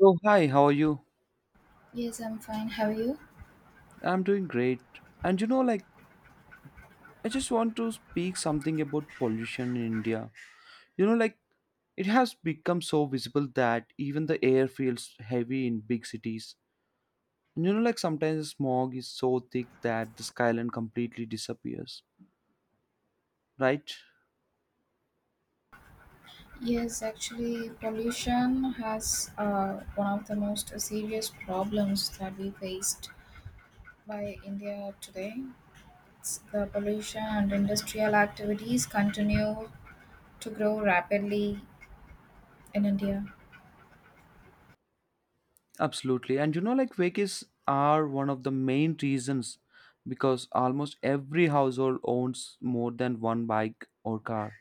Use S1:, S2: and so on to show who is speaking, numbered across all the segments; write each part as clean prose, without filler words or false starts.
S1: So, hi, how are you?
S2: Yes, I'm fine. How are you?
S1: I'm doing great. And like, I just want to speak something about pollution in India. Like, it has become so visible that even the air feels heavy in big cities. And like, sometimes smog is so thick that the skyline completely disappears, right?
S2: Yes, actually, pollution has one of the most serious problems that we faced by India today. It's the pollution and industrial activities continue to grow rapidly in India.
S1: Absolutely. And like, vehicles are one of the main reasons because almost every household owns more than one bike or car.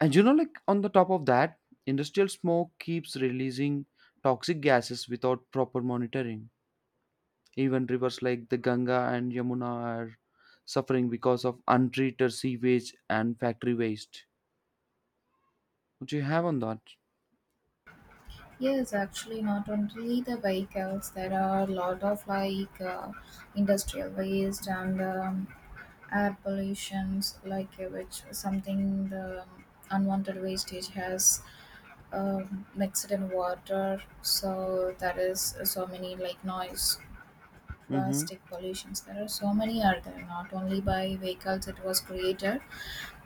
S1: And like, on the top of that, industrial smoke keeps releasing toxic gases without proper monitoring. Even rivers like the Ganga and Yamuna are suffering because of untreated sewage and factory waste. What do you have on that?
S2: Yes, actually, not only the vehicles, there are a lot of like industrial waste and air pollutions, like which something the unwanted wastage has mixed in water. So that is so many like noise,
S1: Mm-hmm.
S2: plastic pollutions. There are so many are there. Not only by vehicles it was created.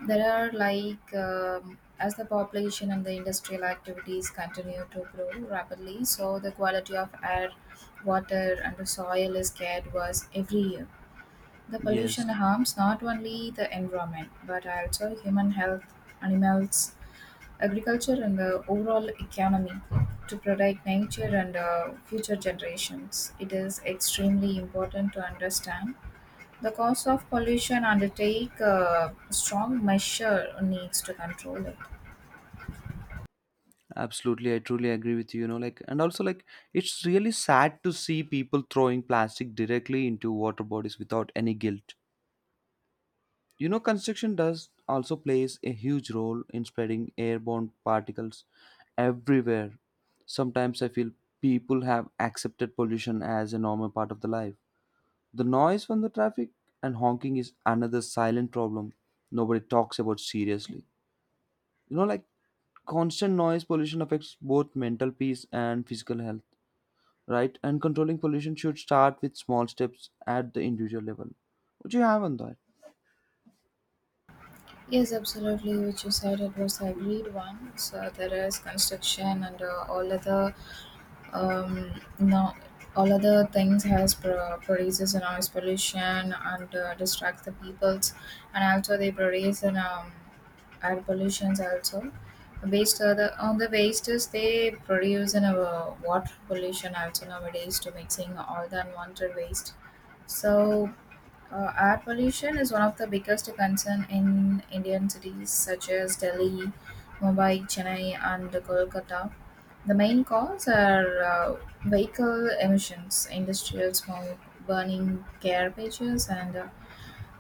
S2: There are like as the population and the industrial activities continue to grow rapidly, so the quality of air, water, and the soil is get worse every year. The pollution
S1: Yes,
S2: harms not only the environment but also human health, animals, agriculture and the overall economy to protect nature and future generations. It is extremely important to understand the cause of pollution, undertake strong measure needs to control it.
S1: absolutely. I truly agree with you. Like, and also, like, it's really sad to see people throwing plastic directly into water bodies without any guilt. Construction does also plays a huge role in spreading airborne particles everywhere. Sometimes I feel people have accepted pollution as a normal part of the life. The noise from the traffic and honking is another silent problem nobody talks about seriously. Like, constant noise pollution affects both mental peace and physical health, right? And controlling pollution should start with small steps at the individual level. What do you have on that?
S2: Yes, absolutely. Which you said it was agreed once. There is construction and all other no, all other things has produces a noise pollution and distracts the peoples, and also they produce an air pollutions also. Based on the wastes, they produce an water pollution also nowadays to mixing all the unwanted waste. So air pollution is one of the biggest concerns in Indian cities such as Delhi, Mumbai, Chennai, and Kolkata. The main cause are vehicle emissions, industrial smoke, burning garbages, and uh,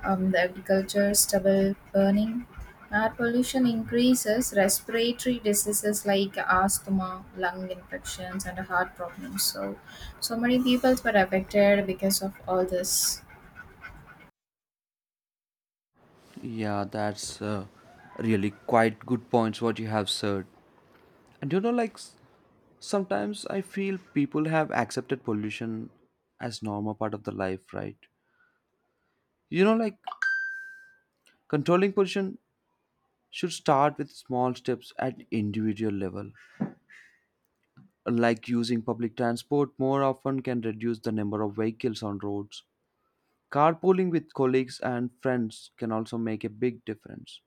S2: um, the agriculture stubble burning. Air pollution increases respiratory diseases like asthma, lung infections, and heart problems. So, so many people were affected because of all this.
S1: Yeah, that's really quite good points what you have said. And like sometimes I feel people have accepted pollution as normal part of the life, right? Like, controlling pollution should start with small steps at individual level. Like using public transport more often can reduce the number of vehicles on roads. Carpooling with colleagues and friends can also make a big difference.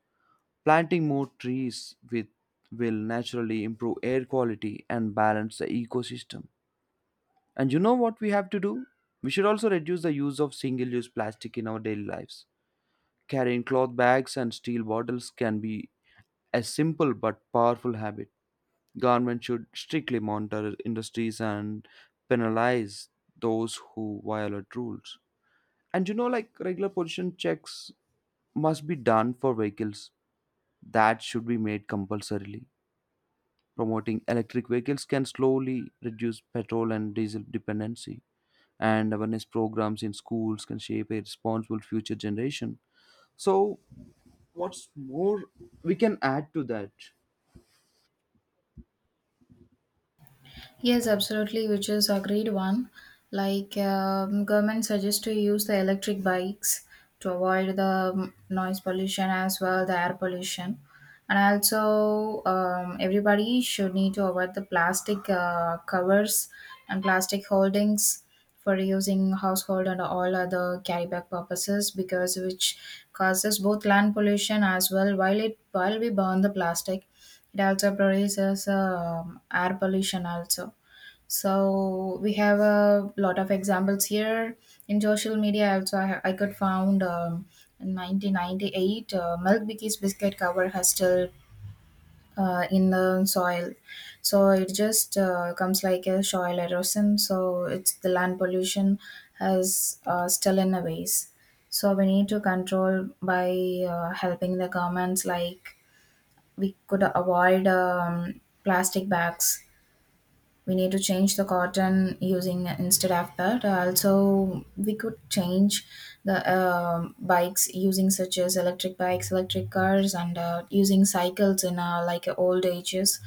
S1: Planting more trees with, will naturally improve air quality and balance the ecosystem. And you know what we have to do? We should also reduce the use of single use plastic in our daily lives. Carrying cloth bags and steel bottles can be a simple but powerful habit. Government should strictly monitor industries and penalize those who violate rules. And like, regular pollution checks must be done for vehicles. That should be made compulsorily. Promoting electric vehicles can slowly reduce petrol and diesel dependency, and awareness programs in schools can shape a responsible future generation. So, what's more, we can add to that.
S2: Yes, absolutely, which is agreed one. Like government suggests to use the electric bikes to avoid the noise pollution as well the air pollution, and also everybody should need to avoid the plastic covers and plastic holdings for using household and all other carry bag purposes because which causes both land pollution as well while it while we burn the plastic it also produces air pollution also so we have a lot of examples here in social media. Also, I could found in 1998 Milk Biki's biscuit cover has still in the soil. So it just comes like a soil erosion. So it's the land pollution has still in a ways. So we need to control by helping the governments like we could avoid plastic bags we need to change the cotton using instead of that. Also we could change the bikes using such as electric bikes electric cars and using cycles in old ages,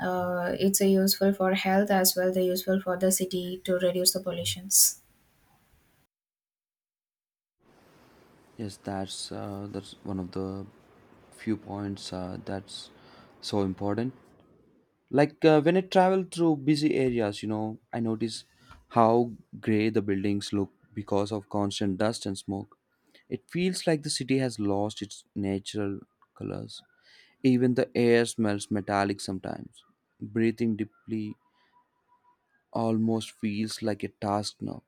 S2: it's a useful for health as well they useful for the city to reduce the pollutions.
S1: Yes, that's one of the few points that's so important. Like when I travel through busy areas, I notice how gray the buildings look because of constant dust and smoke. It feels like the city has lost its natural colors. Even the air smells metallic sometimes. Breathing deeply almost feels like a task now.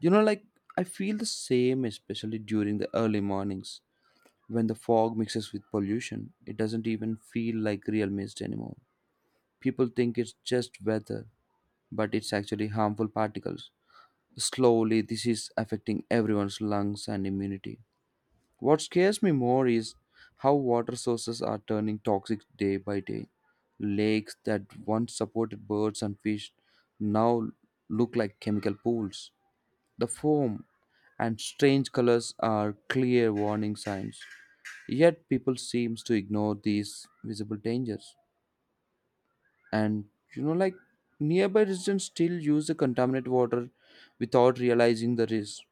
S1: Like, I feel the same, especially during the early mornings. When the fog mixes with pollution, it doesn't even feel like real mist anymore. People think it's just weather, but it's actually harmful particles. Slowly, this is affecting everyone's lungs and immunity. What scares me more is how water sources are turning toxic day by day. Lakes that once supported birds and fish now look like chemical pools. The foam and strange colors are clear warning signs. Yet people seems to ignore these visible dangers, and like, nearby residents still use the contaminated water without realizing the risk.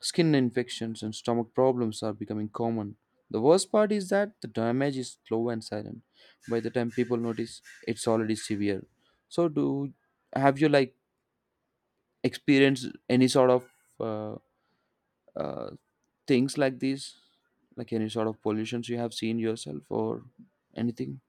S1: Skin infections and stomach problems are becoming common. The worst part is that the damage is slow and silent. By the time people notice, it's already severe. So, do have you like experienced any sort of uh, uh, things like this, like any sort of pollutions you have seen yourself or anything?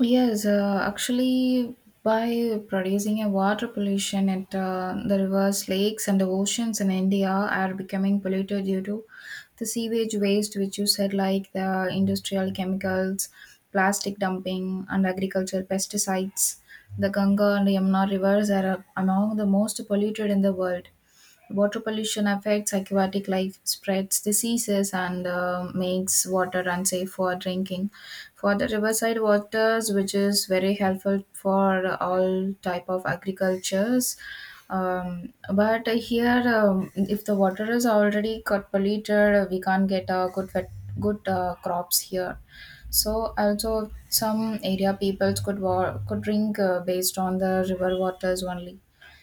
S2: Yes, actually, by producing a water pollution at the rivers, lakes, and the oceans in India are becoming polluted due to the sewage waste, which you said, like the industrial chemicals, plastic dumping, and agricultural pesticides. The Ganga and Yamuna rivers are among the most polluted in the world. Water pollution affects aquatic life, spreads diseases, and makes water unsafe for drinking for the riverside waters which is very helpful for all type of agricultures but here if the water is already got polluted we can't get a good crops here so also some area peoples could could drink based on the river waters only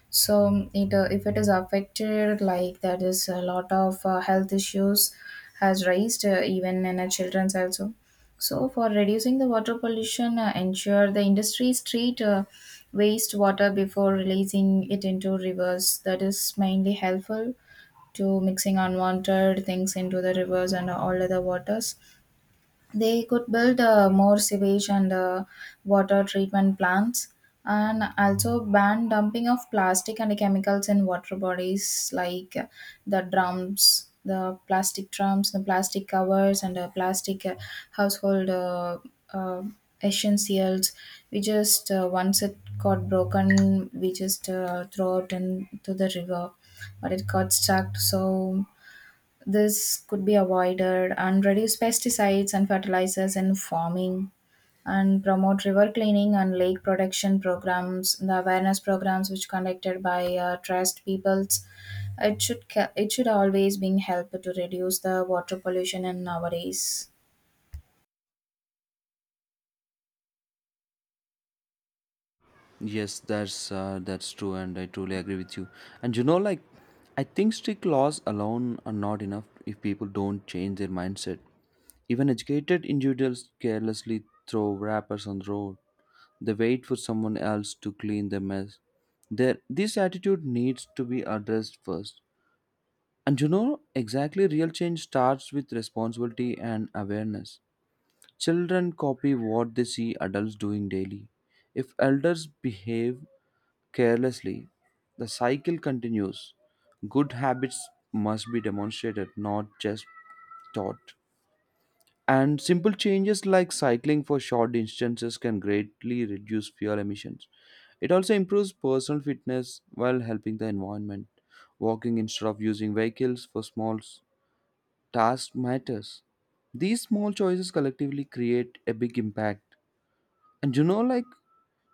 S2: so it, if it is affected like that is a lot of health issues has raised even in children's also. So, for reducing the water pollution, ensure the industries treat wastewater before releasing it into rivers. That is mainly helpful to mixing unwanted things into the rivers and all other waters they could build more sewage and water treatment plants and also ban dumping of plastic and chemicals in water bodies like the drums the plastic covers and the plastic household uh, essentials we just once it got broken we just throw it into the river but it got stuck so this could be avoided and reduce pesticides and fertilizers in farming and promote river cleaning and lake protection programs, the awareness programs which conducted by trust peoples. It should it should always bring help to reduce the water pollution in nowadays.
S1: Yes, that's true, and I truly agree with you. And like, I think strict laws alone are not enough if people don't change their mindset. Even educated individuals carelessly throw wrappers on the road. They wait for someone else to clean the mess. There, this attitude needs to be addressed first. And exactly, real change starts with responsibility and awareness. Children copy what they see adults doing daily. If elders behave carelessly, the cycle continues. Good habits must be demonstrated, not just taught. And simple changes like cycling for short distances can greatly reduce fuel emissions. It also improves personal fitness while helping the environment. Walking instead of using vehicles for small tasks matters. These small choices collectively create a big impact. And like,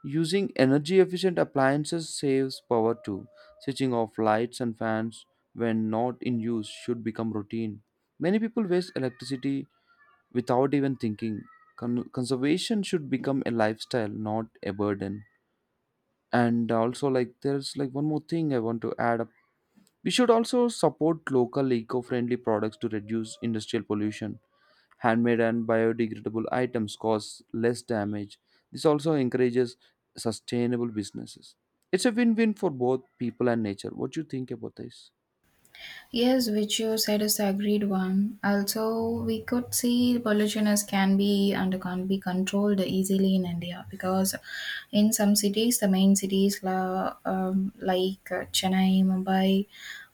S1: using energy efficient appliances saves power too. Switching off lights and fans when not in use should become routine. Many people waste electricity without even thinking. Conservation should become a lifestyle, not a burden. And also, like, there's like one more thing I want to add up. We should also support local eco friendly products to reduce industrial pollution. Handmade and biodegradable items cause less damage. This also encourages sustainable businesses. It's a win-win for both people and nature. What do you think about this?
S2: Yes, which you said is the agreed one. Also, we could see pollution as can be and can't be controlled easily in India because in some cities, the main like Chennai, Mumbai,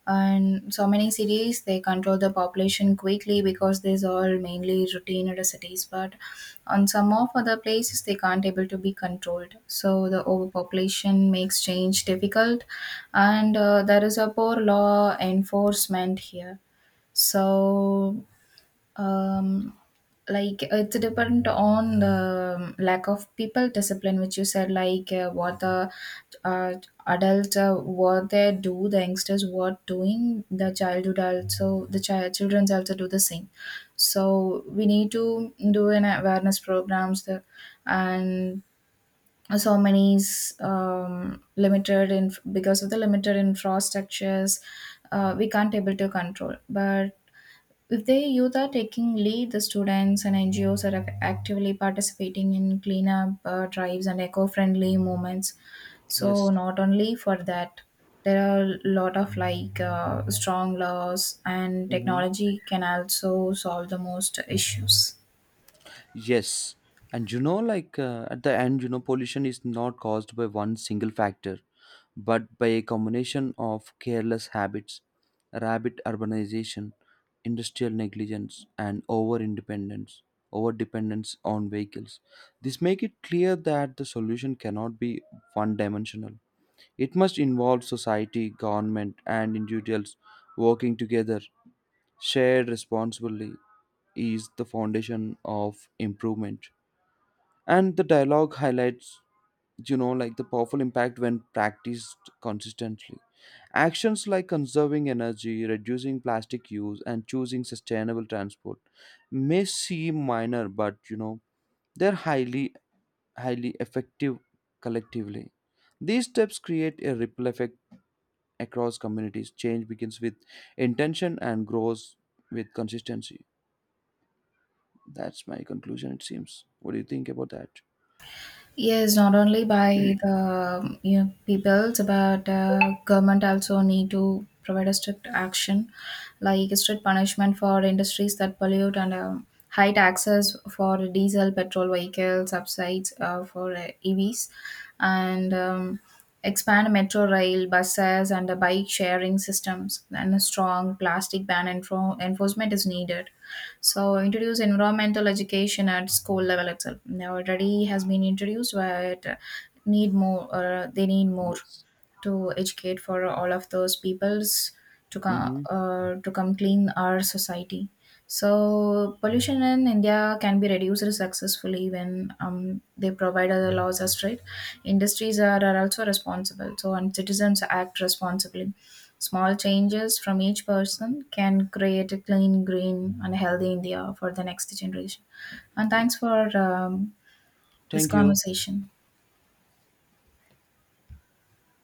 S2: and so many cities they control the population quickly because these are mainly routine cities but on some of other places they can't able to be controlled so the overpopulation makes change difficult and there is a poor law enforcement here so um like it's depend on the lack of people discipline which you said like what the uh, adult what they do the youngsters what doing the childhood also the child children's also do the same so we need to do an awareness programs the, and so many is, limited in because of the limited infrastructures, we can't able to control but if the youth are taking lead, the students and NGOs are actively participating in cleanup drives and eco-friendly movements. So
S1: Yes.
S2: not only for that, there are a lot of like strong laws and
S1: Mhm.
S2: technology can also solve the most issues.
S1: Yes, and like at the end, pollution is not caused by one single factor, but by a combination of careless habits, rapid urbanization, industrial negligence, and over independence, over dependence on vehicles. This make it clear that the solution cannot be one dimensional. It must involve society, government, and individuals working together. Shared responsibility is the foundation of improvement, and the dialogue highlights, like, the powerful impact when practiced consistently. Actions like conserving energy, reducing plastic use, and choosing sustainable transport may seem minor, but they're highly effective collectively. These steps create a ripple effect across communities. Change begins with intention and grows with consistency. That's my conclusion, it seems. What do you think about that?
S2: Yes, not only by the you know, peoples, but government also need to provide a strict action, like strict punishment for industries that pollute and high taxes for diesel, petrol vehicles, subsides for EVs, and expand metro rail, buses, and the bike sharing systems. And a strong plastic ban enforcement is needed. So introduce environmental education at school level itself. Now already has been introduced, but need more. They need more
S1: Yes.
S2: to educate for all of those peoples
S1: Mm-hmm.
S2: to come clean our society. So pollution in India can be reduced successfully when they provide other laws as strict. Industries are also responsible. So and citizens act responsibly. Small changes from each person can create a clean, green, and healthy India for the next generation. And
S1: Yes.
S2: thanks for this
S1: Thank you.
S2: conversation.